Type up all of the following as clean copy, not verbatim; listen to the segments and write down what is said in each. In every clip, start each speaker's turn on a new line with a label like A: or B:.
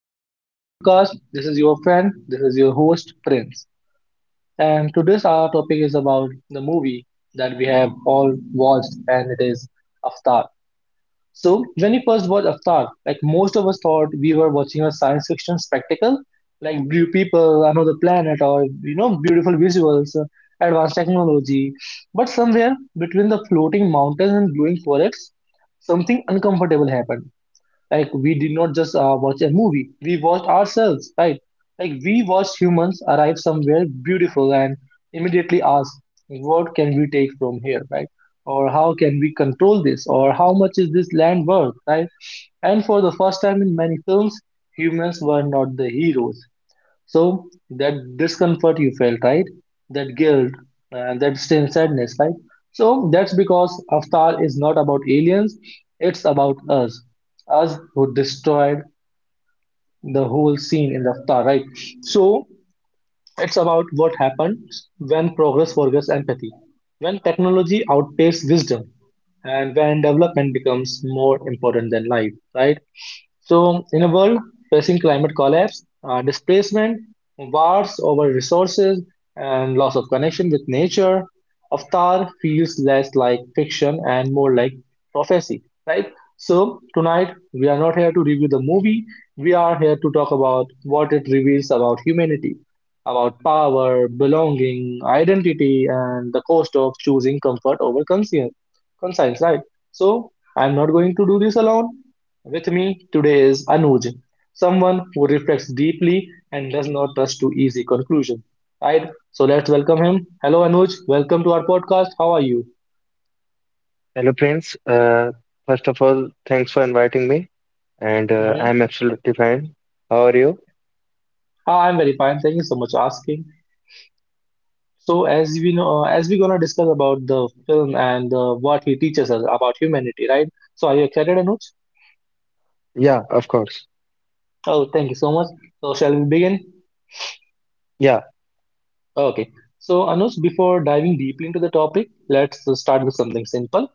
A: Welcome to our podcast. This is your friend. This is your host, Prince. And today's our topic is about the movie that we have all watched, and it is Avatar. So when we first watched Avatar, like most of us thought we were watching a science fiction spectacle, like blue people, another planet, or you know, beautiful visuals, advanced technology. But somewhere between the floating mountains and glowing forests, something uncomfortable happened like we did not just watch a movie, we watched ourselves, right? Like we watched humans arrive somewhere beautiful and immediately ask, what can we take from here, right? Or how can we control this? Or how much is this land worth, right? And for the first time in many films, humans were not the heroes. So that discomfort you felt, right? That guilt and that same sadness, right? So that's because Avatar is not about aliens; it's about us, us who destroyed the whole scene in the Avatar, right? So it's about what happens when progress forgets empathy, when technology outpaces wisdom, and when development becomes more important than life, right? So, in a world facing climate collapse, displacement, wars over resources, and loss of connection with nature, Avatar feels less like fiction and more like prophecy, right? So tonight we are not here to review the movie, we are here to talk about what it reveals about humanity, about power, belonging, identity, and the cost of choosing comfort over conscience, right? So I'm not going to do this alone. With me today is Anuj, someone who reflects deeply and does not rush to easy conclusions. Right? So let's welcome him. Hello, Anuj. Welcome to our podcast. How are you?
B: Hello, Prince. First of all, thanks for inviting me, and
A: Mm-hmm.
B: I'm absolutely fine. How are you?
A: I'm very fine. Thank you so much for asking. So as we know, as we're gonna discuss about the film and what he teaches us about humanity, right? So are you excited, Anuj?
B: Yeah, of course.
A: Oh, thank you so much. So shall we begin?
B: Yeah,
A: Okay. So Anuj, before diving deeply into the topic, let's start with something simple.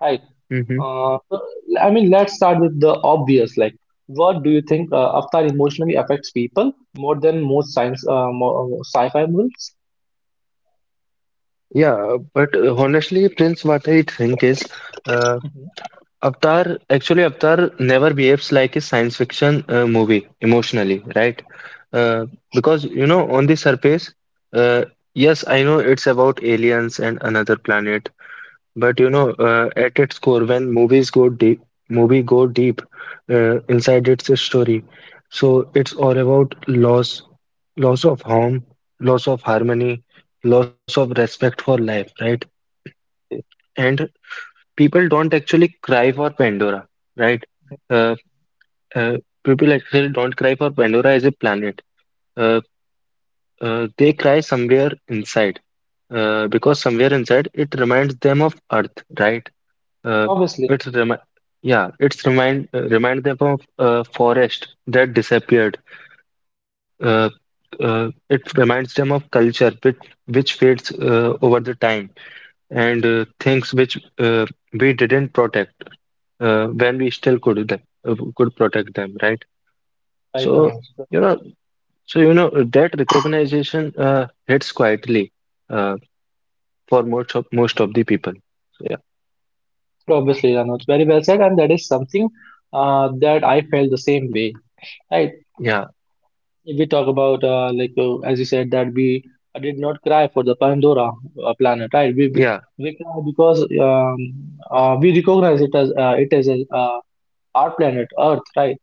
A: Right.
B: mm-hmm.
A: Uh, so, I mean, let's start with the obvious. Like, what do you think Avatar emotionally affects people more than most sci-fi movies?
B: Yeah, but honestly, Prince, what I think is, uh,
A: Mhm.
B: Avatar never behaves like a science fiction movie emotionally, right? Uh, because you know, on the surface, uh, yes, I know it's about aliens and another planet. But you know, at its core, when movies go deep inside its story. So it's all about loss, loss of home, loss of harmony, loss of respect for life, right?
A: Okay.
B: And people don't actually cry for Pandora, right? Uh, uh, People actually don't cry for Pandora as a planet. Uh, they cry somewhere inside, because somewhere inside it reminds them of Earth, right? Uh,
A: Obviously,
B: it's remi yeah, it's remind remind them of a forest that disappeared. Uh, it reminds them of culture which fades over the time, and things which we didn't protect when we still could them could protect them, right?
A: right,
B: So
A: Anuj.
B: you know, so you know that recognition hits quietly uh, for most of the people. So, yeah,
A: Obviously, Anuj. Very well said, and that is something that I felt the same way. Right?
B: yeah,
A: We talk about as you said that we did not cry for the Pandora planet, right? We
B: yeah,
A: we cry because we recognize it as a our planet Earth, right?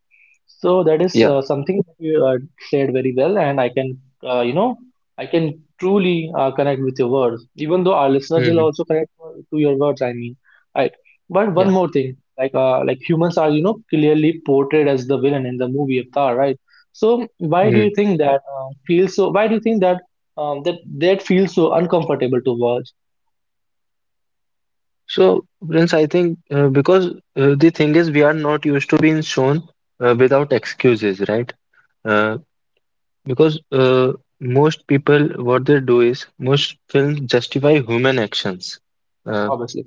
A: So that is
B: yeah.
A: something that you said very well, and I can, you know, I can truly connect with your words. Even though our listeners will
B: hmm
A: also connect to your words, I mean, right? But
B: Yeah.
A: one more thing, like humans are, you know, clearly portrayed as the villain in the movie Avatar, right? So why do you
B: Mm.
A: think that feels so? Why do you think that that feels so uncomfortable to watch?
B: So, Prince, I think because the thing is, we are not used to being shown without excuses, right? Uh, because most people, what they do is, most films justify human actions. Uh,
A: Obviously.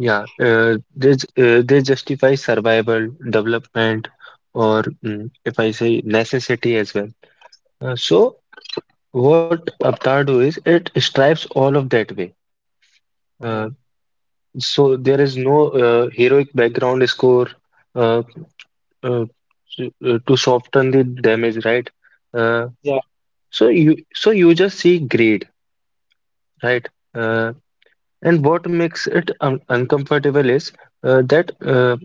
B: they justify survival, development, or if I say necessity as well. So, what Avatar do is, it stripes all of that way. Uh,
A: Hmm.
B: so there is no heroic background score uh, uh, to soften the damage, right? Uh,
A: Yeah.
B: so you just see greed, right? Uh, and what makes it un uncomfortable is that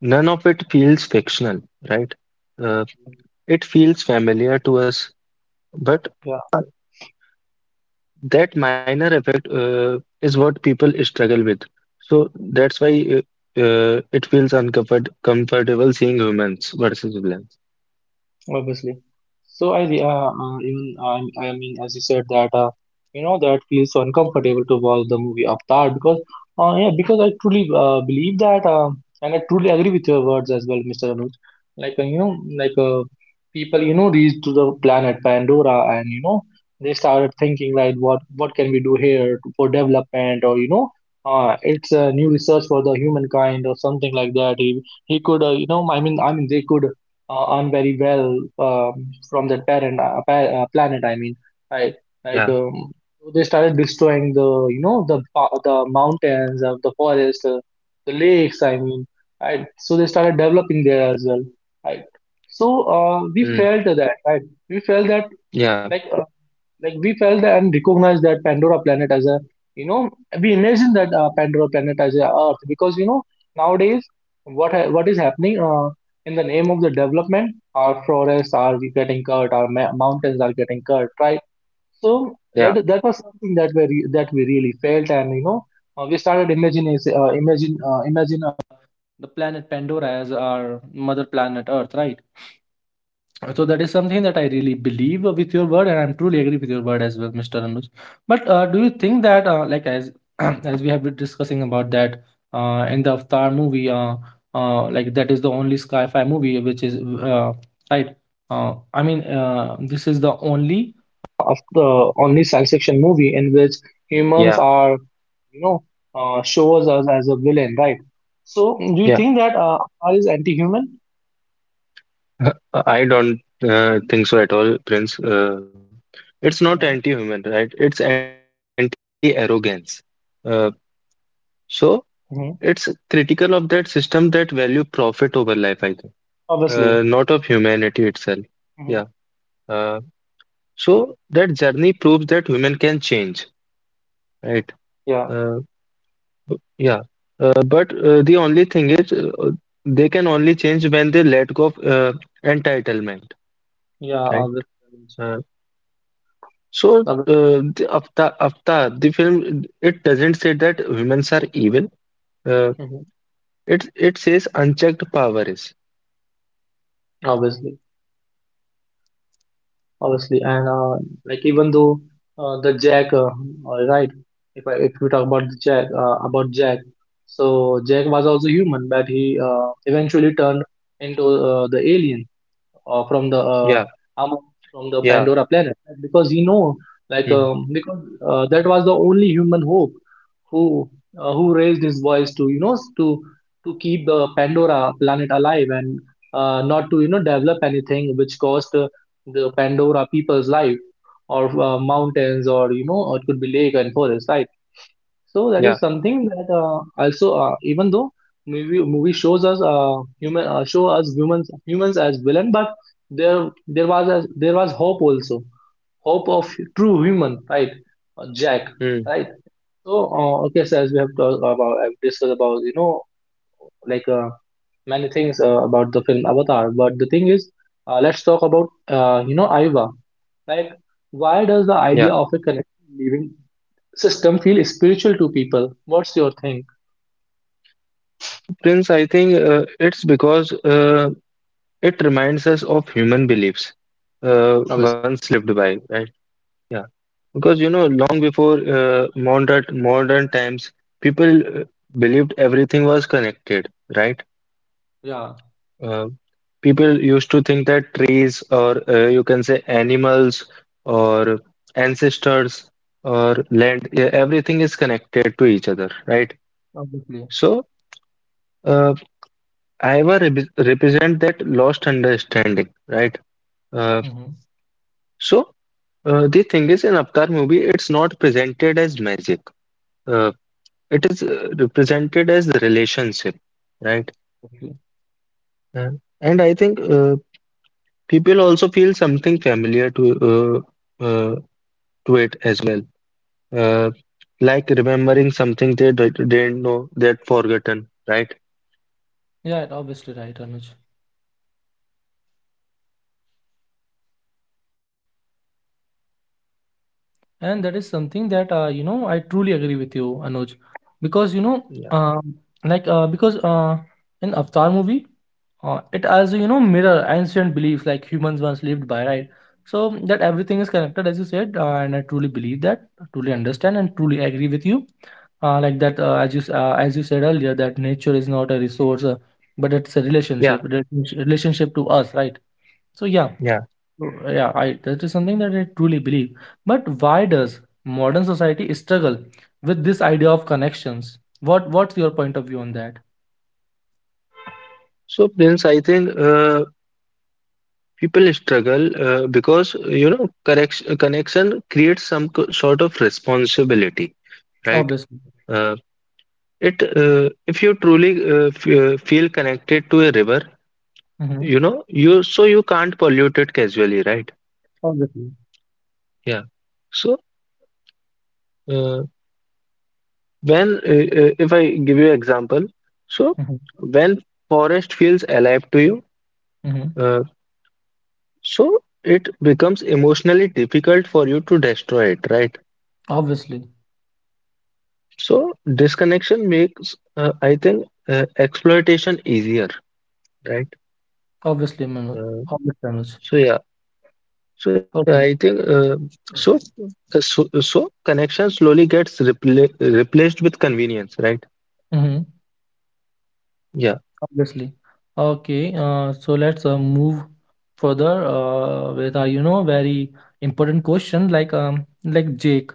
B: none of it feels fictional, right? Uh, it feels familiar to us, but uh, that minor effect is what people struggle with. So that's why it feels uncomfort comfortable seeing humans versus villains.
A: Obviously. So even I mean as you said that you know that feels so uncomfortable to watch the movie Avatar because yeah because I truly believe that and I truly agree with your words as well, Mr. Anuj. Like people you know reached to the planet Pandora and you know they started thinking like what can we do here for development or you know it's a new research for the humankind or something like that. He could you know I mean they could earn very well from that planet. I mean, right? Like
B: Yeah.
A: so they started destroying the you know the the mountains, the forest, the lakes. I mean, right? So they started developing there as well, right? So we
B: Mm.
A: felt that, right? We felt that
B: Yeah.
A: like uh, like we felt and recognized that pandora planet as a you know we imagine that pandora planet as a earth because you know nowadays what is happening in the name of the development our forests are getting cut our mountains are getting cut right so
B: Yeah.
A: that that was something that we re- that we really felt and you know we started imagining imagine imagine the planet Pandora as our mother planet Earth, right? So that is something that I really believe with your word, and I'm truly agree with your word as well, Mr. Anuj. But do you think that, like as as we have been discussing about that in the Avatar movie, like that is the only sci-fi movie which is uh, right. This is the only of the only science fiction movie in which humans are, you know,
B: Yeah,
A: shows us as a villain, right? So do you think that Avatar is
B: yeah.
A: anti-human?
B: I don't think so at all, Prince.
A: Hmm.
B: It's not anti-human, right? It's anti-arrogance. Uh, so
A: Hmm.
B: it's critical of that system that value profit over life, I think,
A: Obviously.
B: not of humanity itself.
A: Mhm.
B: Yeah. Uh, so that journey proves that human can change, right?
A: Yeah.
B: Uh, yeah. But the only thing they can only change when they let go of entitlement,
A: Yeah,
B: right?
A: obviously,
B: Uh, So, uh,
A: obvi-
B: the Avatar, Avatar, the film, it doesn't say that humans are evil. Uh,
A: mhm,
B: it it says unchecked power is.
A: obviously, obviously, and like even though uh, the Jack, uh, all right, if we talk about the Jack, about Jack, so Jack was also human, but he eventually turned into the alien. From the
B: Yeah,
A: Amos from the
B: yeah,
A: Pandora planet right? Because he know like
B: mm,
A: because that was the only human hope who who raised his voice to you know to keep the Pandora planet alive and not to you know develop anything which cost the Pandora people's life or mountains or you know or it could be lake and forest right so that
B: yeah,
A: is something that also even though movie shows us human show us humans humans as villain, but there was hope also hope of true human right Jack
B: mm,
A: right. So okay, so as we have talked about I've discussed about you know like many things about the film Avatar, but the thing is let's talk about you know Aiva like why does the
B: yeah.
A: idea of a connected living system feel spiritual to people? What's your thing?
B: Prince, I think it's because it reminds us of human beliefs
A: Obviously.
B: once lived by, right? Yeah, because you know, long before modern times, people believed everything was connected, right?
A: Yeah,
B: Uh, people used to think that trees, or you can say animals, or ancestors, or land, everything is connected to each other, right?
A: obviously.
B: So, uh, Iowa represent that lost understanding, right?
A: Mm-hmm.
B: Uh, so, the thing is, in Avatar movie, it's not presented as magic. Uh, it is represented as the relationship, right?
A: Obviously.
B: Uh, and I think people also feel something familiar to. Uh, uh, to it as well. Uh, like remembering something they didn't know, they'd forgotten, right?
A: Yeah, obviously right, Anuj. And that is something that you know I truly agree with you, Anuj, because you know,
B: Yeah,
A: uh, like because in Avatar movie, it as you know mirror ancient beliefs like humans once lived by, right? So that everything is connected, as you said, and I truly believe that, truly understand, and truly agree with you. Like that as you s- as you said earlier that nature is not a resource but it's
B: yeah,
A: a relationship relationship to us right. So yeah,
B: yeah.
A: yeah, I that is something that I truly believe. But why does modern society struggle with this idea of connections? What's your point of view on that?
B: So, Prince, I think people struggle because you know correct connection creates some sort of responsibility, right?
A: Obviously.
B: Uh, it If you truly f feel connected to a river,
A: Mm-hmm.
B: you know, you so you can't pollute it casually, right?
A: Obviously.
B: Yeah. So. Uh, if I give you an example, so
A: Mm-hmm.
B: when forest feels alive to you,
A: Mm-hmm.
B: uh, so it becomes emotionally difficult for you to destroy it, right?
A: Obviously.
B: So disconnection makes, I think, exploitation easier, right?
A: Obviously, Manoj.
B: Uh,
A: Obviously, Manoj.
B: so yeah, so I think
A: Okay.
B: so, so. So connection slowly gets replaced with convenience, right?
A: Mm-hmm.
B: Yeah.
A: Obviously. Okay, so let's move further with our, you know, very important question like um like Jake,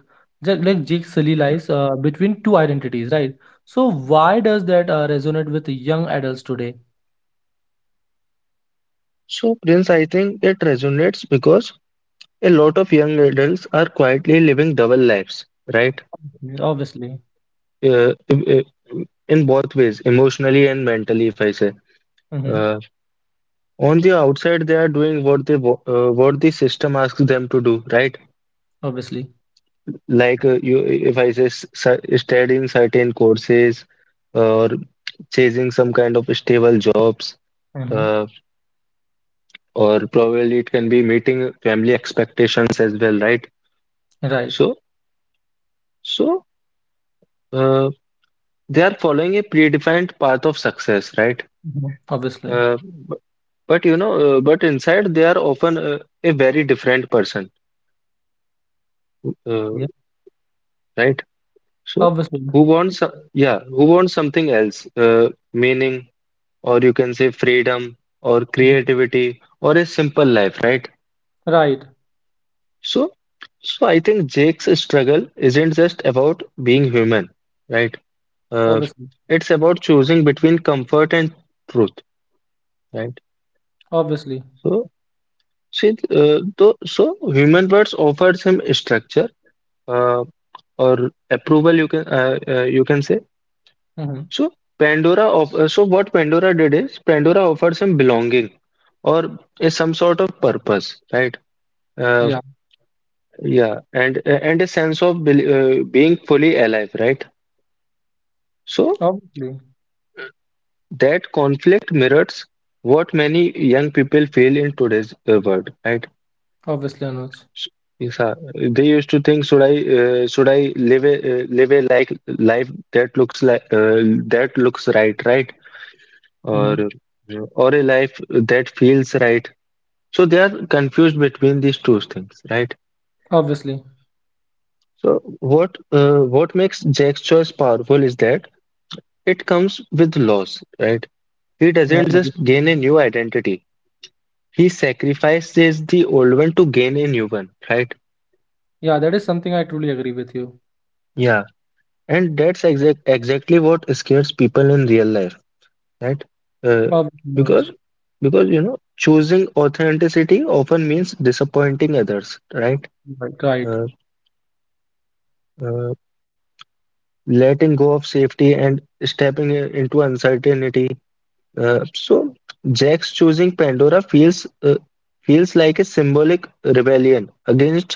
A: Ja- like Jake Sully lives between two identities, right? So why does that resonate with young adults today?
B: So Prince, I think it resonates because a lot of young adults are quietly living double lives, right?
A: Mhm. Obviously.
B: Uh, i- in both ways, emotionally and mentally, if I say.
A: Mm-hmm.
B: Uh, on the outside, they are doing what they what the system asks them to do, right?
A: Obviously.
B: Like uh, you, if I say studying certain courses or chasing some kind of stable jobs,
A: Mm-hmm.
B: uh, or probably it can be meeting family expectations as well, right?
A: Right.
B: So, so. uh, they are following a predefined path of success, right?
A: Mhm. Obviously.
B: Uh, b- but you know, but inside they are often a very different person, uh,
A: Yeah.
B: right? So
A: Obviously.
B: who wants, something else, meaning, or you can say freedom, or
A: Mhm.
B: creativity, or a simple life, right?
A: Right.
B: So, so I think Jake's struggle isn't just about being human, right? Uh,
A: Obviously.
B: it's about choosing between comfort and truth, right?
A: Obviously.
B: So, so human words offers him structure uh, or approval, you can say.
A: Mm-hmm.
B: So Pandora of uh, so what Pandora did is Pandora offers him belonging or a, some sort of purpose, right? uh,
A: Yeah.
B: yeah and uh, and a sense of being fully alive, right? So
A: Obviously.
B: that conflict mirrors what many young people feel in today's world, right?
A: Obviously, Anuj.
B: Yes, sir. They used to think, should I live a life that looks like that looks right, right,
A: Mm-hmm.
B: or a life that feels right. So they are confused between these two things, right?
A: Obviously.
B: So what makes Jack's choice powerful is that it comes with loss, right? He
A: Yeah,
B: doesn't just
A: obviously.
B: gain a new identity; he sacrifices the old one to gain a new one, right?
A: Yeah, that is something I truly agree with you.
B: Yeah. And that's exactly what scares people in real life, right? Uh,
A: Obviously, Anuj.
B: because because you know choosing authenticity often means disappointing others, right?
A: Right, right.
B: Uh, uh, Letting go of safety and stepping into uncertainty. So Jack's choosing Pandora feels like a symbolic rebellion against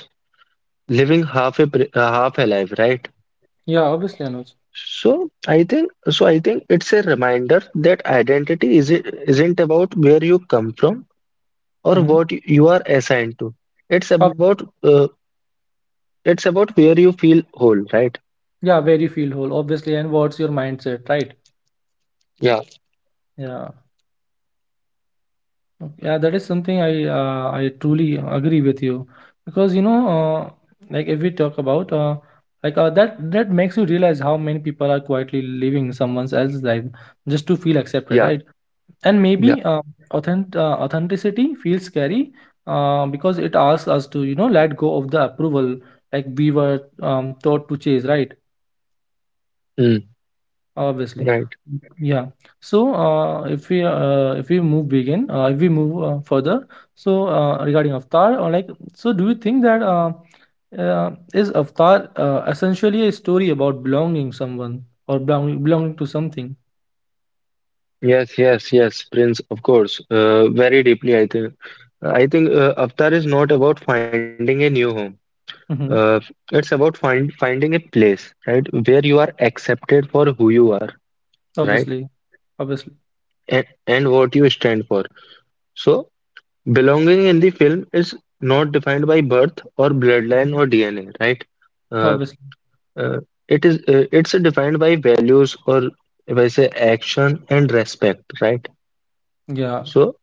B: living half alive, right?
A: Yeah, obviously, Anuj.
B: So I think it's a reminder that identity is isn't about where you come from or
A: Mm-hmm.
B: what you are assigned to. It's
A: Ob
B: about uh, it's about where you feel whole, right?
A: Yeah, where you feel whole, obviously, and what's your mindset, right?
B: Yeah,
A: Yeah, yeah, that is something I truly agree with you because you know, like if we talk about like that that makes you realize how many people are quietly living someone else's life just to feel accepted,
B: Yeah,
A: right? And maybe
B: yeah.
A: authenticity feels scary because it asks us to you know let go of the approval like we were taught to chase right.
B: Mm,
A: Obviously.
B: right.
A: Yeah. So if we move begin if we move further, so regarding avatar or like, so do you think that is avatar essentially a story about belonging someone or belonging to something.
B: Yes, yes, yes, Prince, of course. Very deeply, I think. I think Avatar is not about finding a new home. Uh,
A: Hmm.
B: it's about finding a place, right, where you are accepted for who you are, right,
A: Obviously. Obviously.
B: and what you stand for. So, belonging in the film is not defined by birth or bloodline
A: Mhm.
B: or DNA, right? Uh,
A: Obviously.
B: uh, it is it's defined by values or if I say action and respect, right?
A: Yeah.
B: So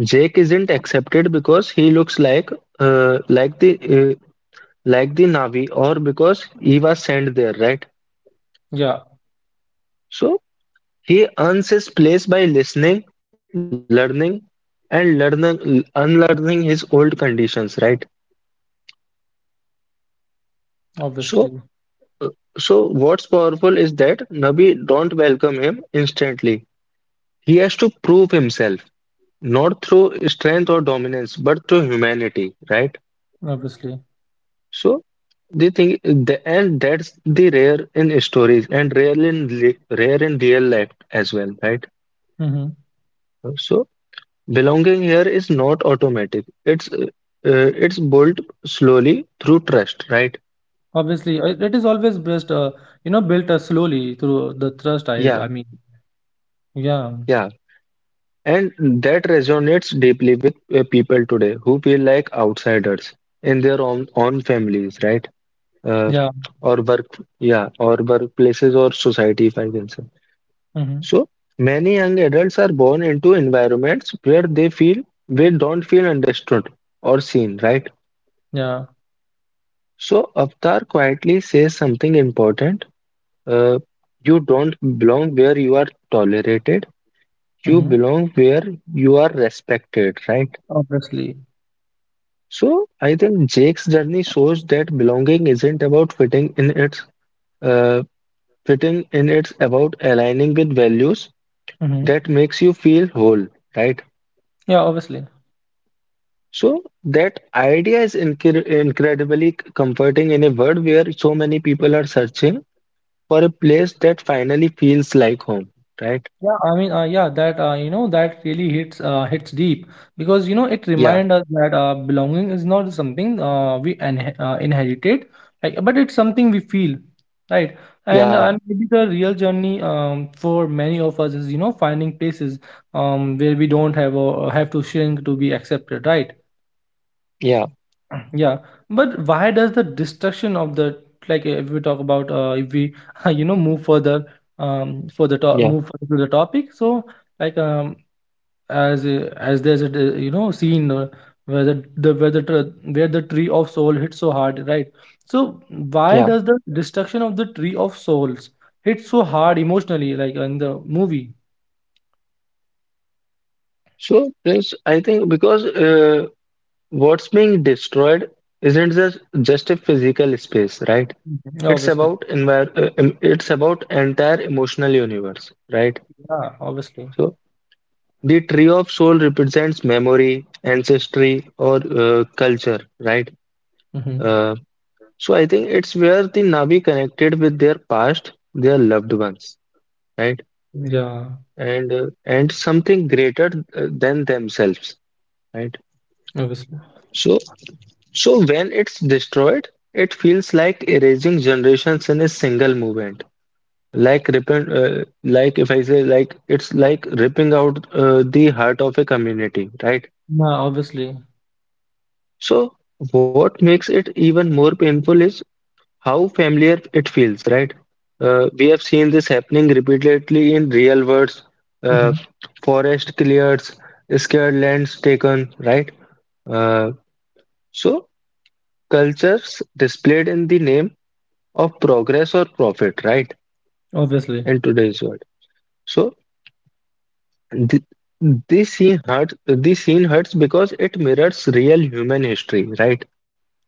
B: Jake isn't accepted because he looks like uh, like the uh, like the Navi, or because he was sent there, right?
A: Yeah.
B: So he earns his place by listening, learning, and learning unlearning his old conditions, right? So
A: Obviously,
B: So what's powerful is that Nabi don't welcome him instantly. He has to prove himself, not through strength or dominance, but through humanity, right?
A: obviously.
B: So and that's the rare in stories and rare in real life as well, right?
A: Hmm.
B: So belonging here is not automatic. It's built slowly through trust, right?
A: Obviously, it is always best, you know, built slowly through the thrust.
B: Yeah,
A: I mean, yeah,
B: yeah. And that resonates deeply with people today who feel like outsiders in their own families, right? Uh,
A: yeah,
B: or work, yeah, or workplaces or society, if I can say.
A: hmm,
B: So many young adults are born into environments where they don't feel understood or seen, right?
A: yeah,
B: So Avtar quietly says something important. Uh, you don't belong where you are tolerated. You
A: hmm,
B: belong where you are respected, right?
A: obviously,
B: So I think Jake's journey shows that belonging isn't about uh, fitting in, it's about aligning with values
A: hmm,
B: that makes you feel whole, right?
A: yeah, obviously.
B: So that idea is incredibly comforting in a world where so many people are searching for a place that finally feels like home, right?
A: Yeah, I mean, yeah, that you know that really hits hits deep because you know it
B: Yeah,
A: reminds us that belonging is not something we en inherited, like, but it's something we feel, right? And
B: yeah,
A: and maybe the real journey, for many of us, is finding places, where we don't have to shrink to be accepted, right?
B: yeah,
A: Yeah, but why does the destruction of the, like if we talk about, if we move further, for the top,
B: yeah,
A: move further to the topic, so, like, as, as there's a scene, where where the tree of soul hits so hard, right? So why
B: yeah.
A: does the destruction of the tree of souls hit so hard emotionally, like in the movie?
B: So Prince, I think because what's being destroyed isn't just a physical space, right?
A: Mhm.
B: It's
A: Obviously.
B: about it's about entire emotional universe, right?
A: Yeah. Obviously.
B: So the tree of soul represents memory, ancestry, or culture, right?
A: Hmm.
B: Uh, so I think it's where the Navi connected with their past, their loved ones, right?
A: Yeah.
B: And uh, and something greater than themselves, right?
A: Obviously.
B: So so when it's destroyed, it feels like erasing generations in a single movement. Like if I say, like, it's like ripping out the heart of a community, right?
A: Yeah. Obviously.
B: So what makes it even more painful is how familiar it feels, right? We have seen this happening repeatedly in real words, uh,
A: Hmm.
B: forest cleared, scared lands taken, right? Uh, so cultures displayed in the name of progress or profit, right?
A: Obviously.
B: In today's world. So Th- This scene hurts. This scene hurts because it mirrors real human history, right?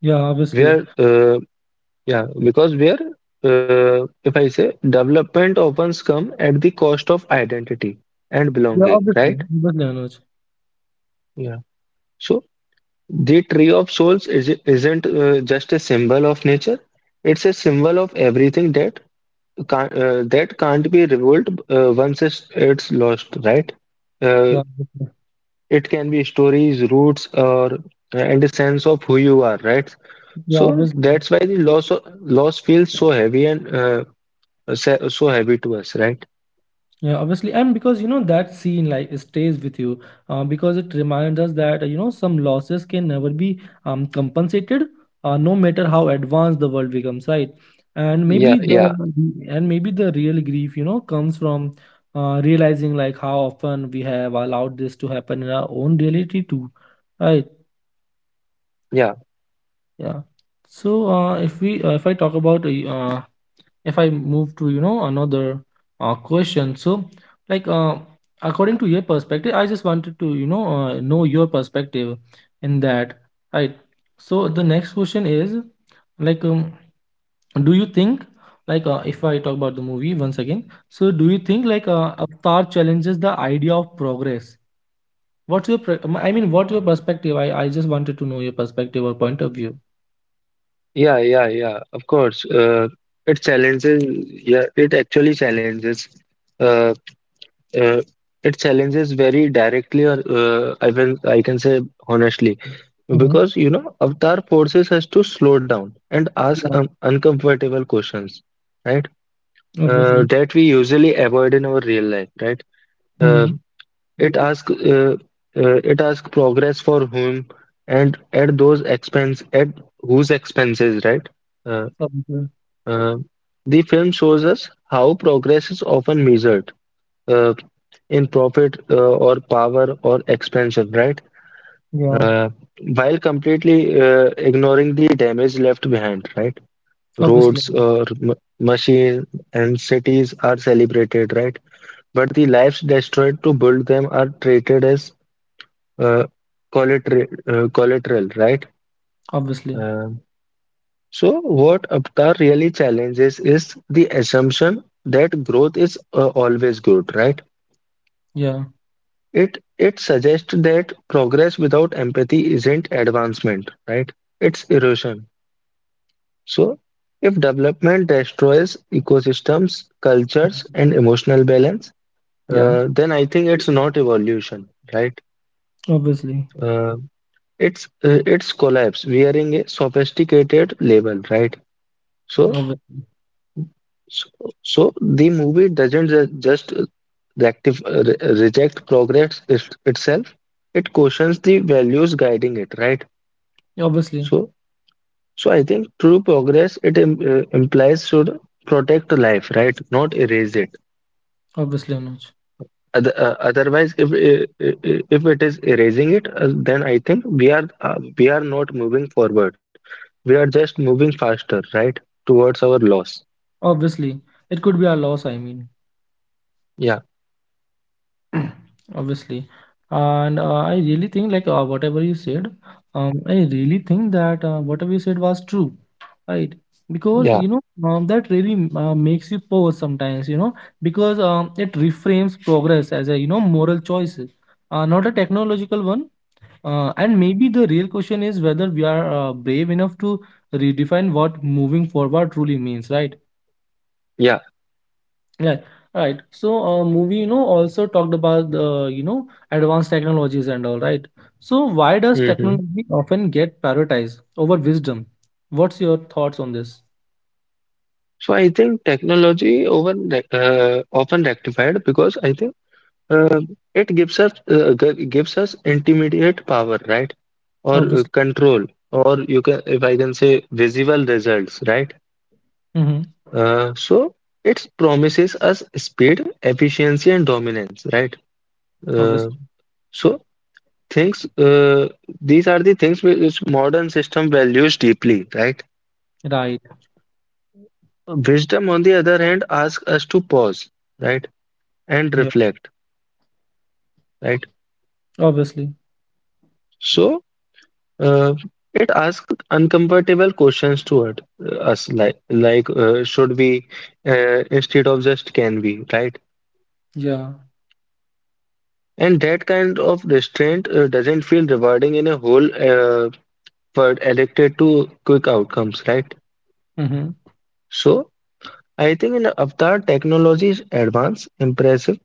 A: Yeah,
B: Where,
A: obviously.
B: yeah, because where, If I say development often comes at the cost of identity and
A: Yeah,
B: belonging, right?
A: obviously. Obviously, Anuj.
B: Yeah. So the tree of souls isn't just a symbol of nature. It's a symbol of everything that can't be revealed once it's lost, right? Uh,
A: Yeah, obviously.
B: it can be stories, roots, or and a sense of who you are, right?
A: Yeah,
B: So
A: obviously.
B: that's why the loss feels so heavy and so heavy to us, right?
A: Yeah, obviously. And because, that scene, like it stays with you, because it reminds us that, some losses can never be, compensated, no matter how advanced the world becomes, right? And
B: Yeah,
A: maybe the,
B: yeah,
A: and maybe the real grief, comes from, realizing like how often we have allowed this to happen in our own reality too, right?
B: yeah,
A: Yeah. So, if we, if I talk about, if I move to another, question, so like, according to your perspective, I just wanted to know your perspective in that, right? So the next question is, like, do you think, like, if I talk about the movie once again, so do you think, like, Avatar challenges the idea of progress? What's your I mean, what your perspective? I just wanted to know your perspective or point of view.
B: yeah, yeah, yeah. Of course, it challenges. Yeah, it actually challenges. Uh, uh, it challenges very directly, or I can say honestly,
A: Mm-hmm.
B: because you know, Avatar forces us to slow down and ask
A: Yeah.
B: uncomfortable questions, right?
A: Obviously.
B: That we usually avoid in our real life, right? Uh,
A: Mm-hmm.
B: it asks uh, it asks progress for whom and at those expense at whose expenses, right? Uh,
A: Obviously.
B: uh, the film shows us how progress is often measured uh, in profit or power or expansion, right?
A: Yeah.
B: Uh, while completely ignoring the damage left behind, right?
A: Obviously.
B: Roads or m machine and cities are celebrated, right? But the lives destroyed to build them are treated as uh, collateral, right?
A: Obviously.
B: Um, so what Avatar really challenges is the assumption that growth is always good, right?
A: Yeah.
B: It suggests that progress without empathy isn't advancement, right? It's erosion. So if development destroys ecosystems, cultures,
A: Mhm.
B: and emotional balance,
A: Yeah.
B: then I think it's not evolution, right?
A: Obviously.
B: Uh, It's it's collapse wearing a sophisticated label, right? So
A: Obviously.
B: so, so the movie doesn't just rectif re reject progress itself. It questions the values guiding it, right?
A: Obviously.
B: So so I think true progress it im implies should protect life, right? Not erase it.
A: Obviously, Anuj.
B: Otherwise, if it is erasing it, then I think we are, we are not moving forward, we are just moving faster, right? Towards our loss.
A: Obviously. It could be a loss, I mean.
B: Yeah,
A: Obviously. And, I really think, like, whatever you said, I really think that, whatever you said was true, right? Because,
B: yeah,
A: that really, makes you pause sometimes, because, it reframes progress as a, moral choice, not a technological one. And maybe the real question is whether we are, brave enough to redefine what moving forward truly means, right?
B: yeah.
A: Yeah, right. So, movie, also talked about the, advanced technologies and all, right? So, why does
B: Hmm.
A: technology often get prioritized over wisdom? What's your thoughts on this?
B: So I think technology often rectified because I think uh, it gives us intermediate power, right? Or
A: Obviously.
B: control, or you can if I can say visible results, right?
A: Mm-hmm.
B: So it promises us speed, efficiency, and dominance, right? Uh,
A: Obviously.
B: so things, uh, these are the things which modern system values deeply, right?
A: Right.
B: Wisdom, on the other hand, asks us to pause, right, and
A: Yeah.
B: reflect, right?
A: Obviously.
B: So uh, it asks uncomfortable questions toward us, like should we, instead of just can we, right?
A: Yeah.
B: And that kind of restraint doesn't feel rewarding in a whole. But addicted to quick outcomes, right?
A: Mm-hmm.
B: So I think in Avatar technology is advanced, impressive,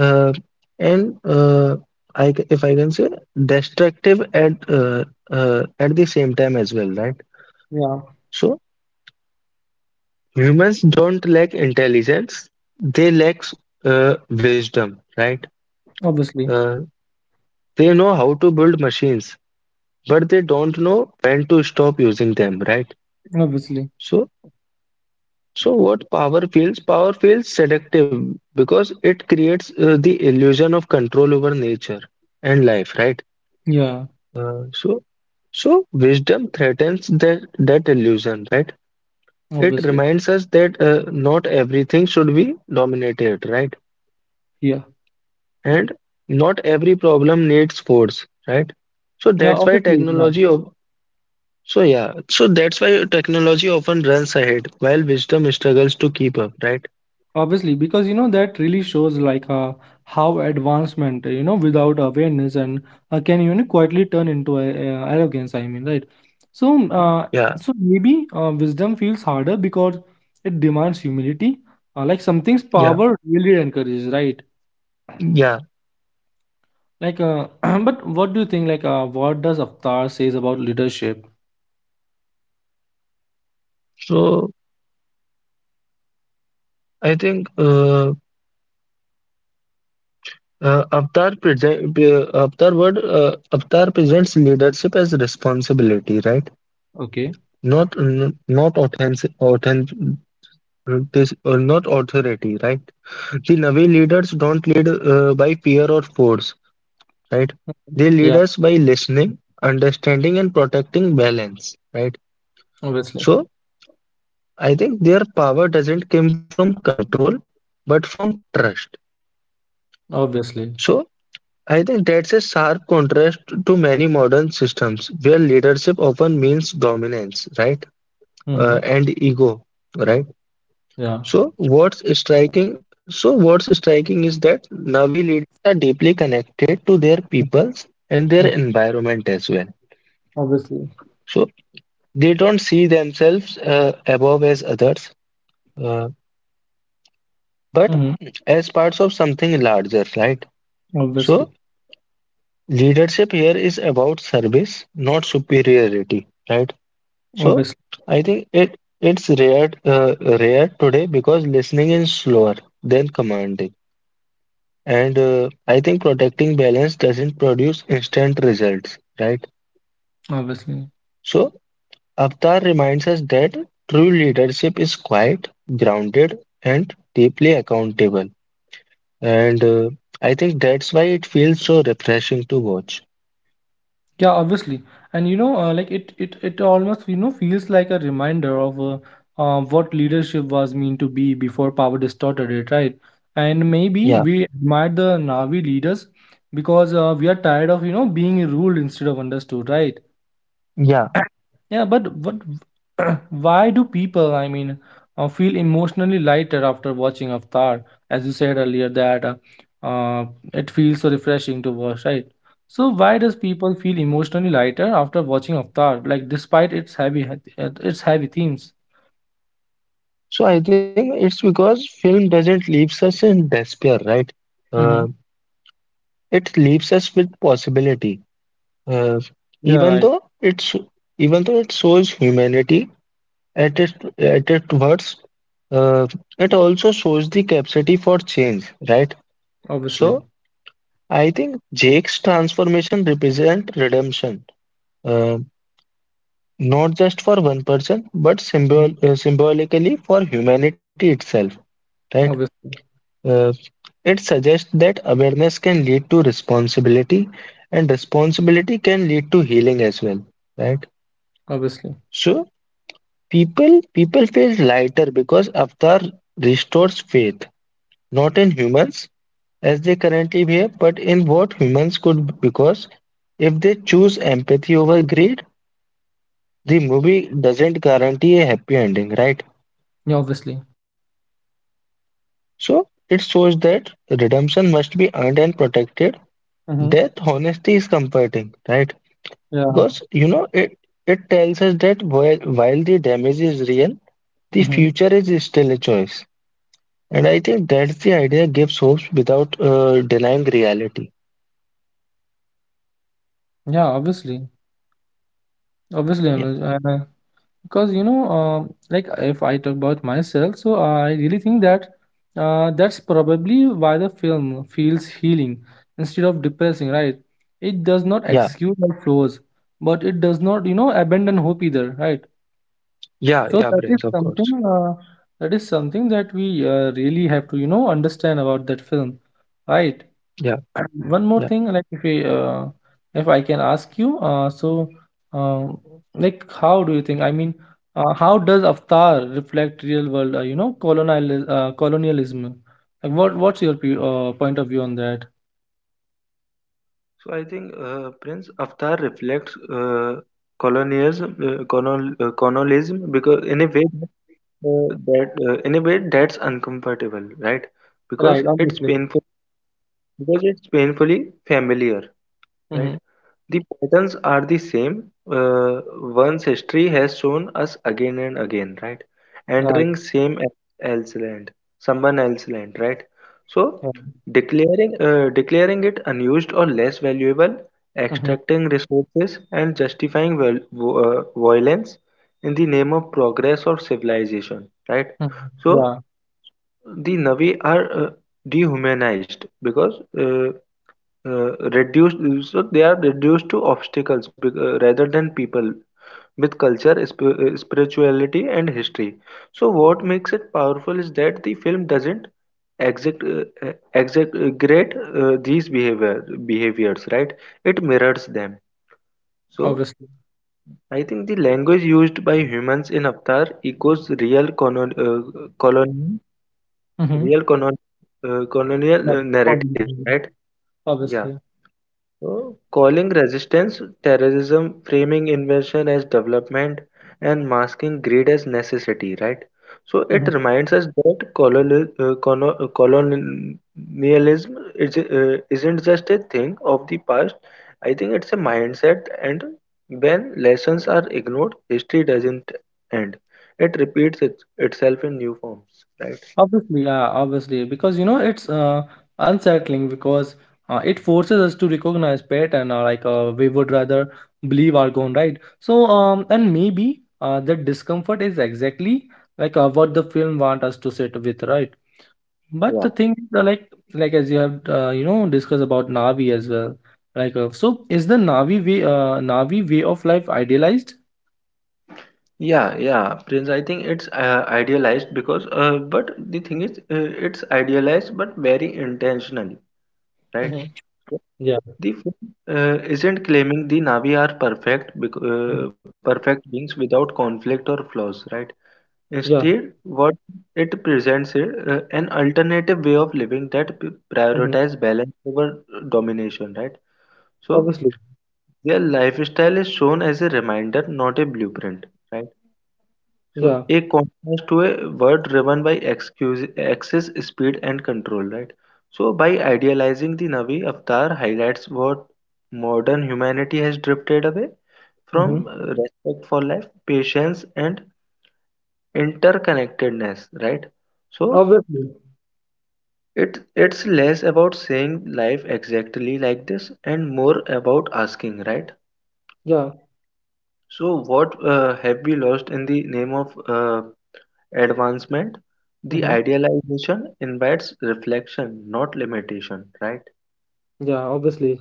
B: uh, and if I can say destructive at the same time as well, right?
A: Yeah.
B: So humans don't lack intelligence; they lack wisdom, right?
A: Obviously.
B: Uh, they know how to build machines, but they don't know when to stop using them, right?
A: Obviously.
B: So So what power feels? Power feels seductive because it creates the illusion of control over nature and life, right?
A: Yeah.
B: Uh, so so wisdom threatens that illusion, right? It
A: Obviously.
B: reminds us that not everything should be dominated, right?
A: Yeah.
B: And not every problem needs force, right? So
A: Yeah.
B: that's why
A: Obviously. Yeah.
B: technology of so yeah, so that's why technology often runs ahead while wisdom struggles to keep up, right?
A: Obviously, because that really shows, like, how advancement, without awareness, and, can quietly turn into a arrogance. I mean, right? So,
B: Yeah,
A: so maybe, wisdom feels harder because it demands humility. Like something's
B: yeah,
A: power really encourages, right?
B: yeah.
A: Like, but what do you think? Like, what does Avatar says about leadership?
B: So I think, Avatar presents leadership as responsibility, right?
A: Okay,
B: Not n- not authentic, authentic or not authority, right? The Navi leaders don't lead by fear or force, right? They lead
A: yeah,
B: us by listening, understanding, and protecting balance, right?
A: obviously,
B: So I think their power doesn't come from control, but from trust.
A: obviously,
B: So, I think that's a sharp contrast to many modern systems where leadership often means dominance, right?
A: mm-hmm,
B: And ego, right?
A: yeah.
B: So what's striking, so what's striking is that Navi leaders are deeply connected to their peoples and their
A: Mm,
B: environment as well.
A: obviously,
B: So they don't see themselves above as others, uh, but
A: mm-hmm,
B: as parts of something larger, right?
A: obviously,
B: So leadership here is about service, not superiority, right?
A: obviously.
B: So I think it's rare today because listening is slower than commanding. And I think protecting balance doesn't produce instant results, right?
A: Obviously.
B: So Avatar reminds us that true leadership is quiet, grounded, and deeply accountable. And I think that's why it feels so refreshing to watch.
A: Yeah, obviously. And like it almost, feels like a reminder of, what leadership was meant to be before power distorted it, right? And maybe
B: Yeah,
A: we admire the Navi leaders because, we are tired of, being ruled instead of understood, right?
B: yeah.
A: Yeah, but what? Why do people, I mean, feel emotionally lighter after watching Avatar? As you said earlier, that, uh, it feels so refreshing to watch, right? So why does people feel emotionally lighter after watching Avatar? Like, despite its heavy, its heavy themes.
B: So I think it's because film doesn't leaves us in despair, right? Uh,
A: Mm-hmm.
B: It leaves us with possibility, uh,
A: Yeah,
B: even
A: right.
B: though it's even though it shows humanity at its worst, uh, it also shows the capacity for change, right?
A: Obviously.
B: So I think Jake's transformation represents redemption, uh, not just for one person, but
A: Mhm.
B: symbolically for humanity itself, right?
A: Obviously.
B: Uh, It suggests that awareness can lead to responsibility, and responsibility can lead to healing as well, right?
A: Obviously.
B: So people feel lighter because Avatar restores faith, not in humans as they currently behave, but in what humans could, because if they choose empathy over greed, the movie doesn't guarantee a happy ending, right?
A: Yeah, obviously.
B: So it shows that redemption must be earned and protected.
A: Mm-hmm.
B: Death honesty is comforting, right?
A: Yeah.
B: Because you know it tells us that while the damage is real, the
A: Mm-hmm.
B: future is still a choice. And I think that's the idea gives hopes without denying reality.
A: Yeah, obviously. Obviously,
B: Yeah,
A: Anuj. Because like if I talk about myself, so I really think that, that's probably why the film feels healing instead of depressing, right? It does not
B: yeah,
A: excuse our flaws, but it does not abandon hope either, right?
B: yeah,
A: So
B: yeah,
A: that is
B: Prince, of
A: something,
B: course.
A: that is something that we, really have to understand about that film, right?
B: Yeah,
A: One more
B: yeah,
A: thing, like if we, if I can ask you, so, uh, like how do you think, I mean, how does Avatar reflect real world, colonial, colonialism, like what what's your point of view on that?
B: colonialism, because in a way, that in a way that's uncomfortable, right? because it's
A: Right,
B: painful
A: obviously,
B: because it's painfully familiar, right?
A: mm-hmm,
B: The patterns are the same, uh, ones history has shown us again and again, right? Entering
A: right,
B: same el- else land, Someone else land, right? So
A: yeah.
B: declaring it unused or less valuable,
A: Mm-hmm,
B: equifying nation, right?
A: yeah,
B: That, these behaviors, right? It mirrors them. So
A: obviously,
B: I think the language used by humans in Avatar echoes real colon, uh, colon
A: mm-hmm,
B: real colon, uh, colonial narratives, right? Yeah.
A: obviously,
B: So calling resistance terrorism, framing invention as development, and masking greed as necessity, right? So it reminds
A: hmm.
B: us that colonialism is, isn't just a thing of the past. I think it's a mindset, and when lessons are ignored, history doesn't end. It repeats itself in new forms, right?
A: Obviously, yeah, obviously, because it's, unsettling because, it forces us to recognize pattern, or like, we would rather believe our own, right? So, and maybe, that discomfort is exactly like, what the film want us to sit with, right?
B: Yeah.
A: But the thing is, like as you have, discussed about Navi as well, like, so is the Navi way, Navi way of life idealized?
B: Yeah, idealized because, but the thing is, it's idealized but very intentionally, right?
A: Mhm. Yeah.
B: The film isn't claiming the Navi are
A: Mhm.
B: perfect beings without conflict or flaws, right? Instead
A: Yeah.
B: what it presents is an alternative way of living that
A: Mm-hmm.
B: prioritize balance over domination, right? So
A: Obviously.
B: their lifestyle is shown as a reminder, not a blueprint, right? So
A: Yeah.
B: a contrast to a word driven by excess speed and control, right? So by idealizing the Navi, Avatar highlights what modern humanity has drifted away
A: Mm-hmm.
B: from: respect for life, patience and interconnectedness, right? So
A: Obviously.
B: it's less about saying life exactly like this and more about asking, right?
A: Yeah.
B: So what have we lost in the name of advancement? The
A: Mm-hmm.
B: idealization invites reflection, not limitation, right?
A: Yeah, obviously,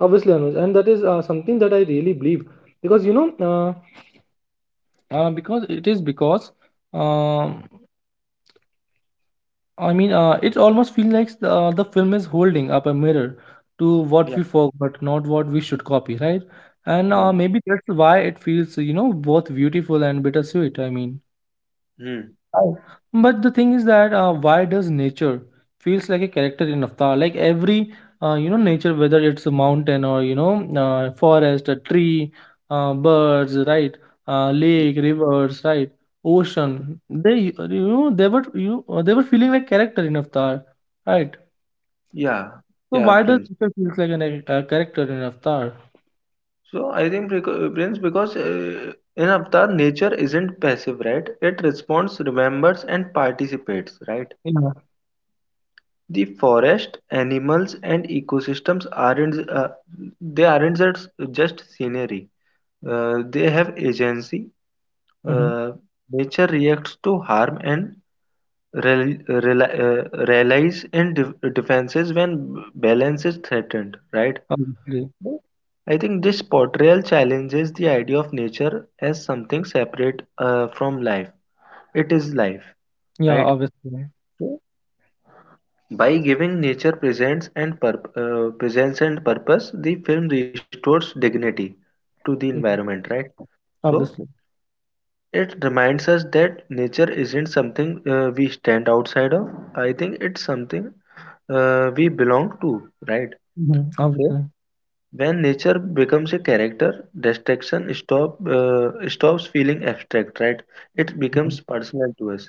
A: obviously, Anuj, and that is, something that I really believe because because it is because, um, I mean, it almost feels like the film is holding up a mirror to what we forgot, not what we should copy, right? And, maybe that's why it feels, both beautiful and bittersweet. I mean. Right. But the thing is that, why does nature feels like a character in Avatar? Like every, nature, whether it's a mountain, or forest, a tree, birds, right, lake, rivers, right, ocean. They, they were you, they were feeling like character in Avatar, right? So why does nature feels like an, a character in Avatar?
B: Nature isn't passive, right? It responds, remembers, and participates, right?
A: Yeah.
B: The animals and ecosystems aren't, they aren't just scenery. They have agency.
A: Hmm.
B: Uh, Nature reacts to harm and relies in defenses when balance is threatened, right?
A: Obviously.
B: I think this portrayal challenges the idea of nature as something separate from life. It is life,
A: Yeah.
B: right?
A: Obviously.
B: By giving nature presence and purpose, the film restores dignity to the
A: Mhm.
B: environment, right? So
A: Obviously.
B: it reminds us that nature isn't something we stand outside of. I think it's something we belong to, right?
A: Hmm.
B: So,
A: Obviously.
B: when nature becomes a character, distraction stops feeling abstract, right? It becomes
A: Mm-hmm.
B: personal to us.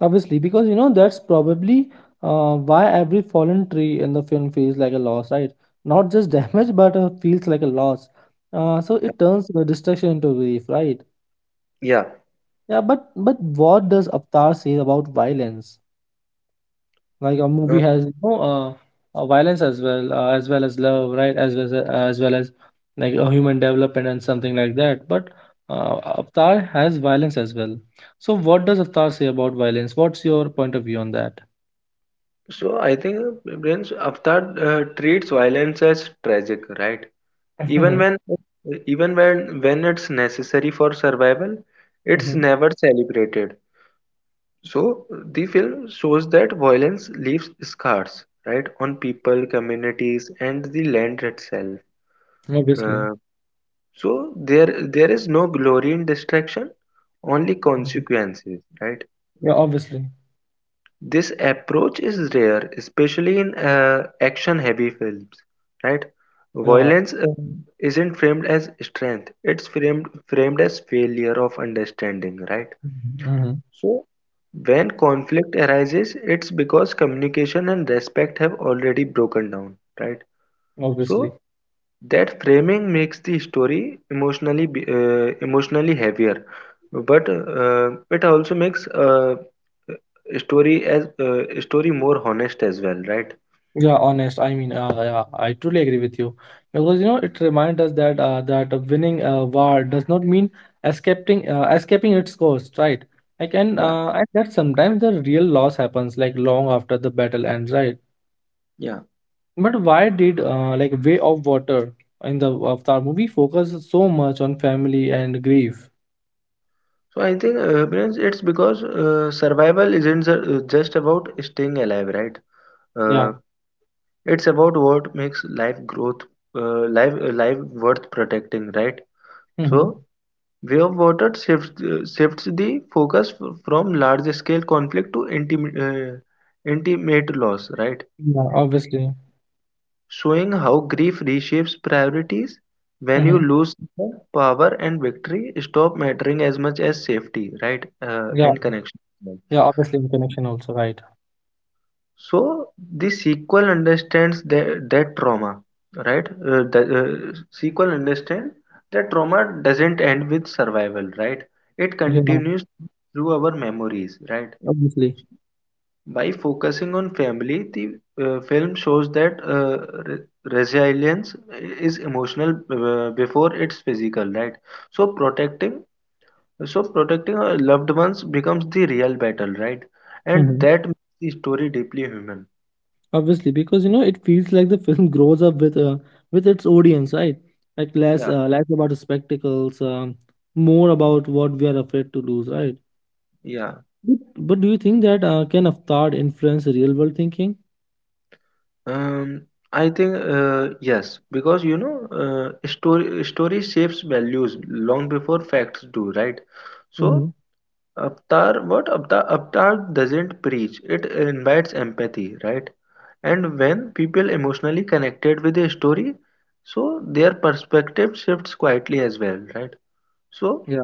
A: Obviously, because that's probably, why every fallen tree in the film feels like a loss, right? Not just damage, but, feels like a loss. So it turns the destruction into grief, right?
B: Yeah,
A: Yeah, but what does Avatar say about violence? Like a
B: uh,
A: movie has violence as well, as well as love, right? As well as like a human development and something like that. But, Avatar has violence as well. So what does Avatar say about violence? What's your point of view on that? Mhm. Obviously. Mhm. Yeah, obviously. Yeah. Mhm. Obviously. Yeah, honest. I mean, yeah, I truly agree with you because it reminds us that, that a winning a war does not mean escaping its course, right? Like, and, and that sometimes the real loss happens like long after the battle ends, right? But why did, like Way of Water in the Avatar movie focus so much on family and grief? Yeah. Hmm.
B: intimate loss, right?
A: Yeah, obviously. Hmm. Yeah. Yeah, obviously in connection also, right? Yeah, obviously. Hmm. Obviously, because it feels like the film grows up with, with its audience, right? Like less about the spectacles, more about what we are afraid to lose, right? But do you think that, can Avatar influence real world thinking? Hmm. Yeah.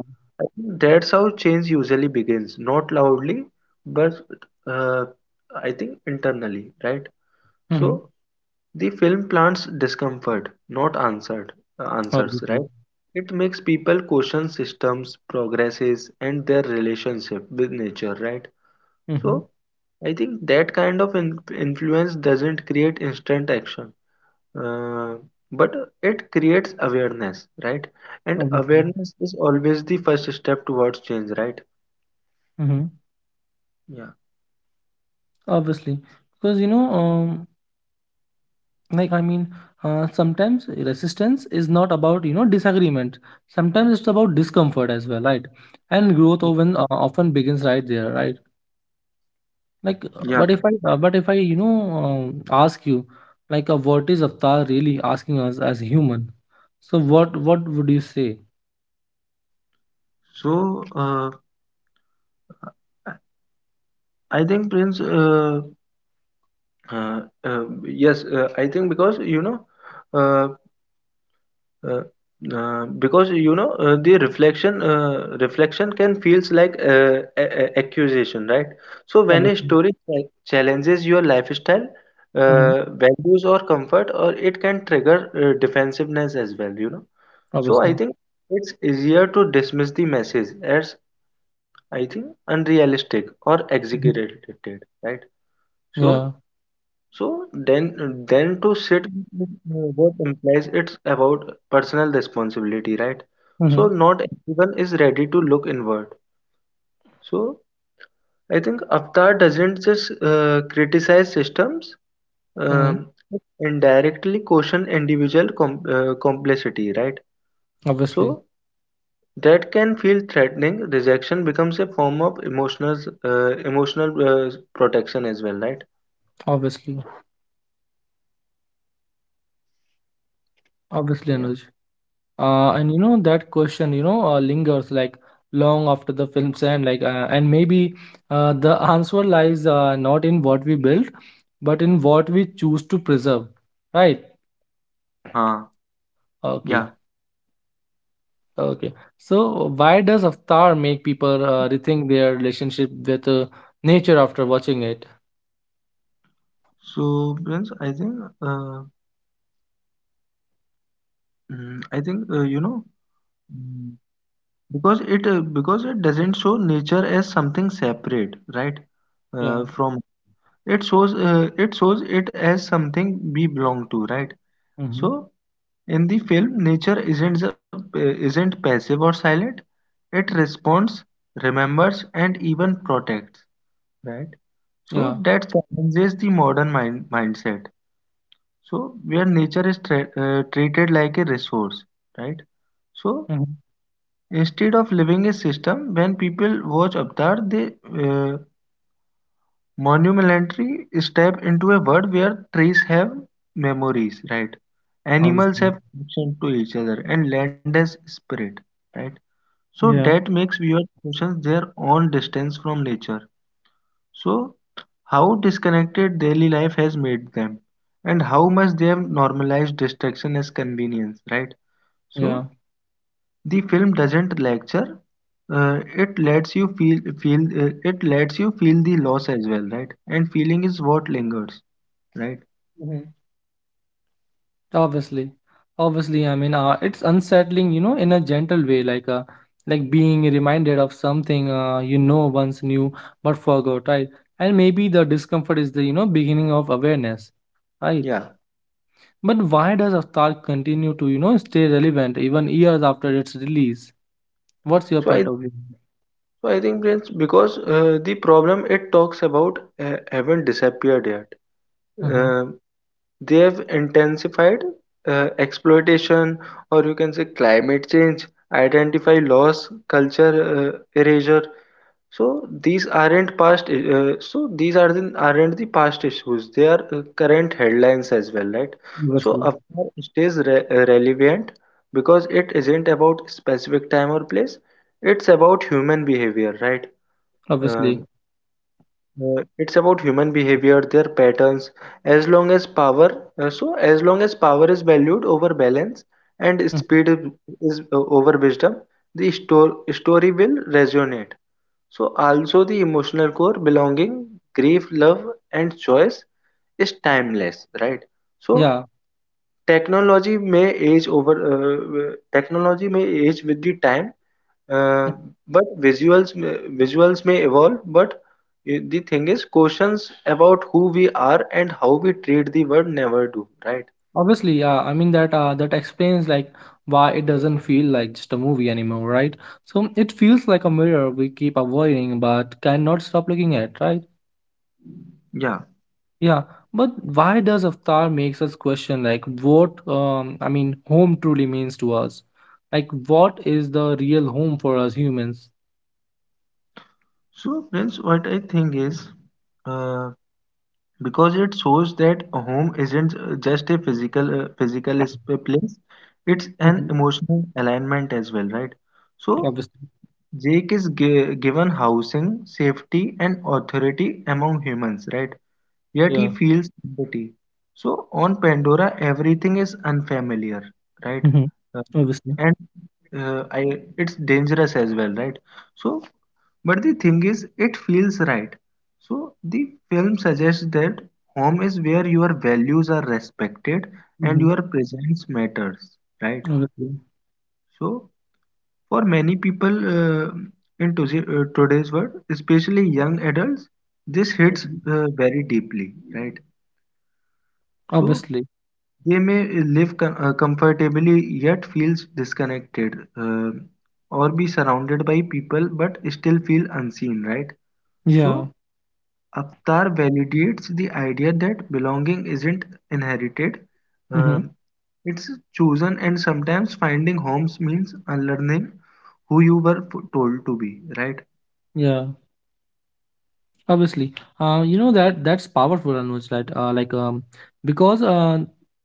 B: Uh,
A: Hmm. Obviously.
B: Progress is relation nature, right?
A: Mm-hmm.
B: So I create instant action, uh, but it create and,
A: Obviously.
B: right?
A: Mm-hmm. Obviously, because like I mean, sometimes resistance is not about disagreement, sometimes it's about discomfort as well, right? And growth often begins right there, right? Like, but if I, but if I ask you, like, what is Avatar really asking us as human? So what would you say? Obviously. Mm-hmm. Obviously. Hmm. Yeah. Mm-hmm. Mm-hmm. Obviously.
B: Protection as well, right?
A: Obviously. Obviously, Anuj. And that question, lingers like long after the film's end, like, and maybe, the answer lies, not in what we build, but in what we choose to preserve, right? Okay, okay. So why does Avatar make people, rethink their relationship with, nature after watching it? Yeah. Mm-hmm.
B: Right,
A: Yeah.
B: right.
A: Mm-hmm.
B: Animals have
A: Obviously.
B: connection to each other, and land has spirit.
A: Yeah. Yeah. Obviously, obviously, I mean, it's unsettling, in a gentle way, like, like being reminded of something, once knew but forgot, right? And maybe the discomfort is the, beginning of awareness, right? But why does Avatar continue to, stay relevant even years after its release? What's your point of view? Mm-hmm. Obviously, obviously, hmm, yeah. Obviously, yeah. I mean that, that explains like why it doesn't feel like just a movie anymore, right? So it feels like a mirror we keep avoiding but cannot stop looking at, right? Yeah. But why does Avatar makes us question like what, I mean home truly means to us? Like what is the real home for us humans? Hmm. Obviously, yeah. Hmm. Obviously. Hmm. Obviously. Hmm. Obviously. Yeah. Hmm. Yeah. Obviously. You know, that 's powerful, Anuj, right? Like because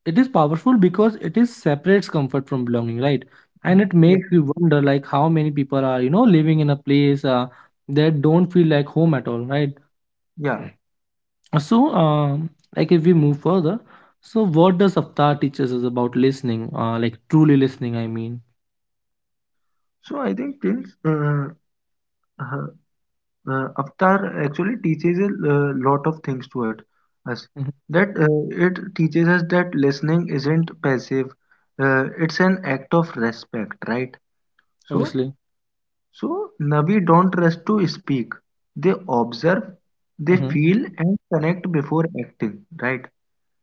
A: It is powerful because it is separates comfort from belonging, right? And it makes you wonder, like, how many people are, you know, living in a place that don't feel like home at all, right? So, like if we move further, so what does Avatar teaches us about listening? Like truly listening, I mean.
B: Us,
A: Mhm. Obviously. hmm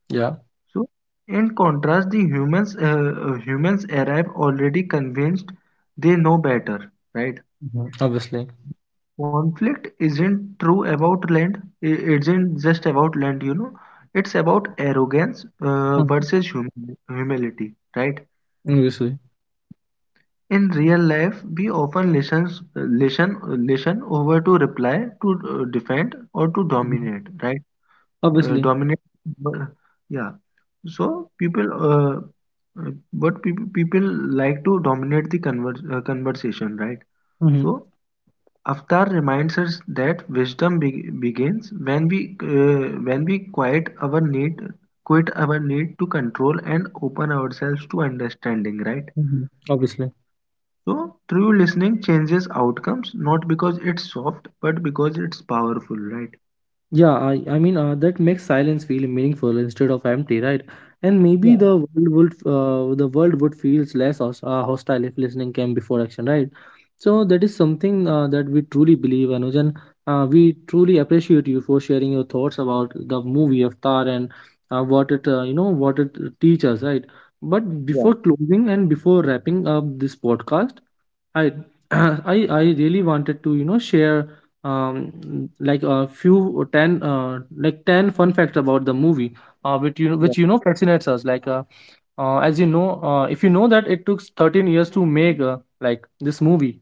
A: Yeah. Mhm. Obviously. Mhm. Obviously. Mhm.
B: but people like to dominate the conversation, right? So
A: Obviously.
B: Avtar reminds us that wisdom begins when we, when we quit our need to control and open ourselves to understanding. Right.
A: Mhm. Obviously.
B: So through listening changes outcomes, not because it's soft, but because it's powerful. Right.
A: Yeah, I mean, that makes silence feel meaningful instead of empty, right? And maybe the world would, uh, feel less hostile if listening came before action, right? So that is something that we truly believe, Anuj, and we truly appreciate you for sharing your thoughts about the movie Avatar and what it teaches, right? But before closing and before wrapping up this podcast, I I really wanted to, share um like a few or ten, ten fun facts about the movie which, fascinates us, like, as you know, if you know that it took 13 years to make, like, this movie.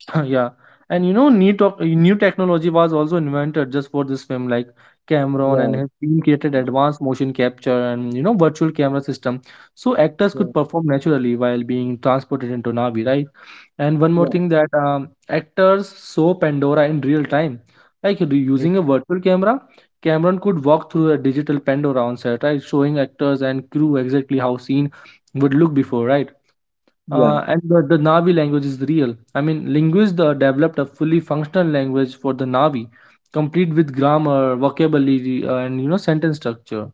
A: Yeah, and you know, new new technology was also invented just for this film. Like, Cameron and his team created advanced motion capture and, you know, virtual camera system so actors could perform naturally while being transported into Navi, right? And one more thing, that actors saw Pandora in real time, like, using a virtual camera. Cameron could walk through a digital Pandora on set, right, showing actors and crew exactly how scene would look before, right? And the Navi language is real. I mean, linguists developed a fully functional language for the Navi, complete with grammar, vocabulary, and, you know, sentence structure.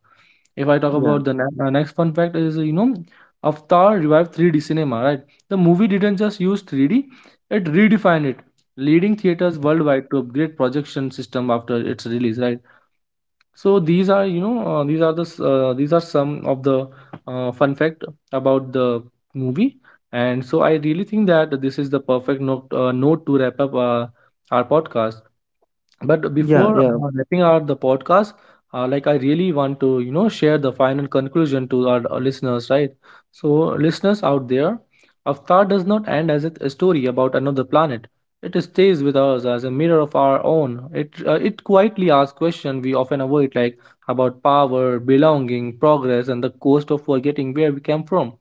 A: If I talk about the next fun fact is, you know, Avatar revived 3D cinema. Right, the movie didn't just use 3D; it redefined it, leading theaters worldwide to upgrade projection system after its release. Right, so these are, you know, these are the these are some of the fun fact about the movie. And so I really think that this is the perfect note, note to wrap up our podcast. But before wrapping out the podcast, like, I really want to, you know, share the final conclusion to our listeners, right? So, listeners out there, Avatar does not end as a story about another planet. It stays with us as a mirror of our own. It quietly asks questions we often avoid, like about power, belonging, progress, and the cost of forgetting where we came from.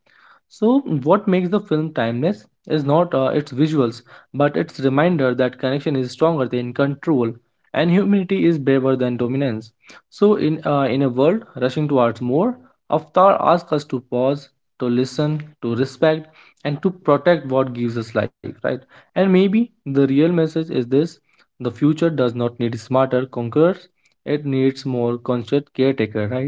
A: So, what makes the film timeless is not its visuals, but its reminder that connection is stronger than control and humanity is braver than dominance. So, in a world rushing towards more, Avatar asks us to pause, to listen, to respect, and to protect what gives us life, right? And maybe the real message is this: the future does not need smarter conquerors, it needs more conscious caretaker, right?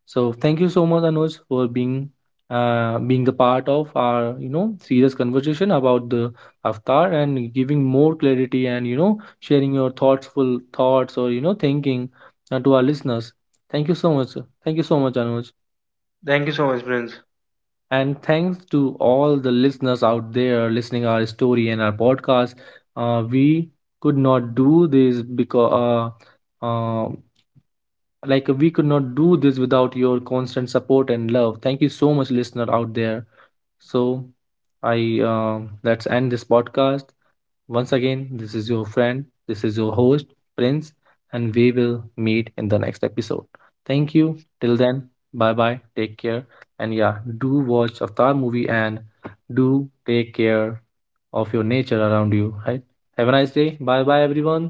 A: So thank you so much, Anuj, for being the part of our, you know, serious conversation about the avatar and giving more clarity and, you know, sharing your thoughtful thoughts or, you know, thinking to our listeners. Thank you so much. Thank you so much, Anuj. And thanks to all the listeners out there listening our story and our podcast. We could not do this because uh, uh, like, we could not do this without your constant support and love. Thank you so much, listener out there. So I, let's end this podcast. Once again, this is your friend, this is your host, Prince, and we will meet in the next episode. Thank you. Till then, bye bye. Take care. And yeah, do watch Avatar movie and do take care of your nature around you. Right. Have a nice day. Bye bye, everyone.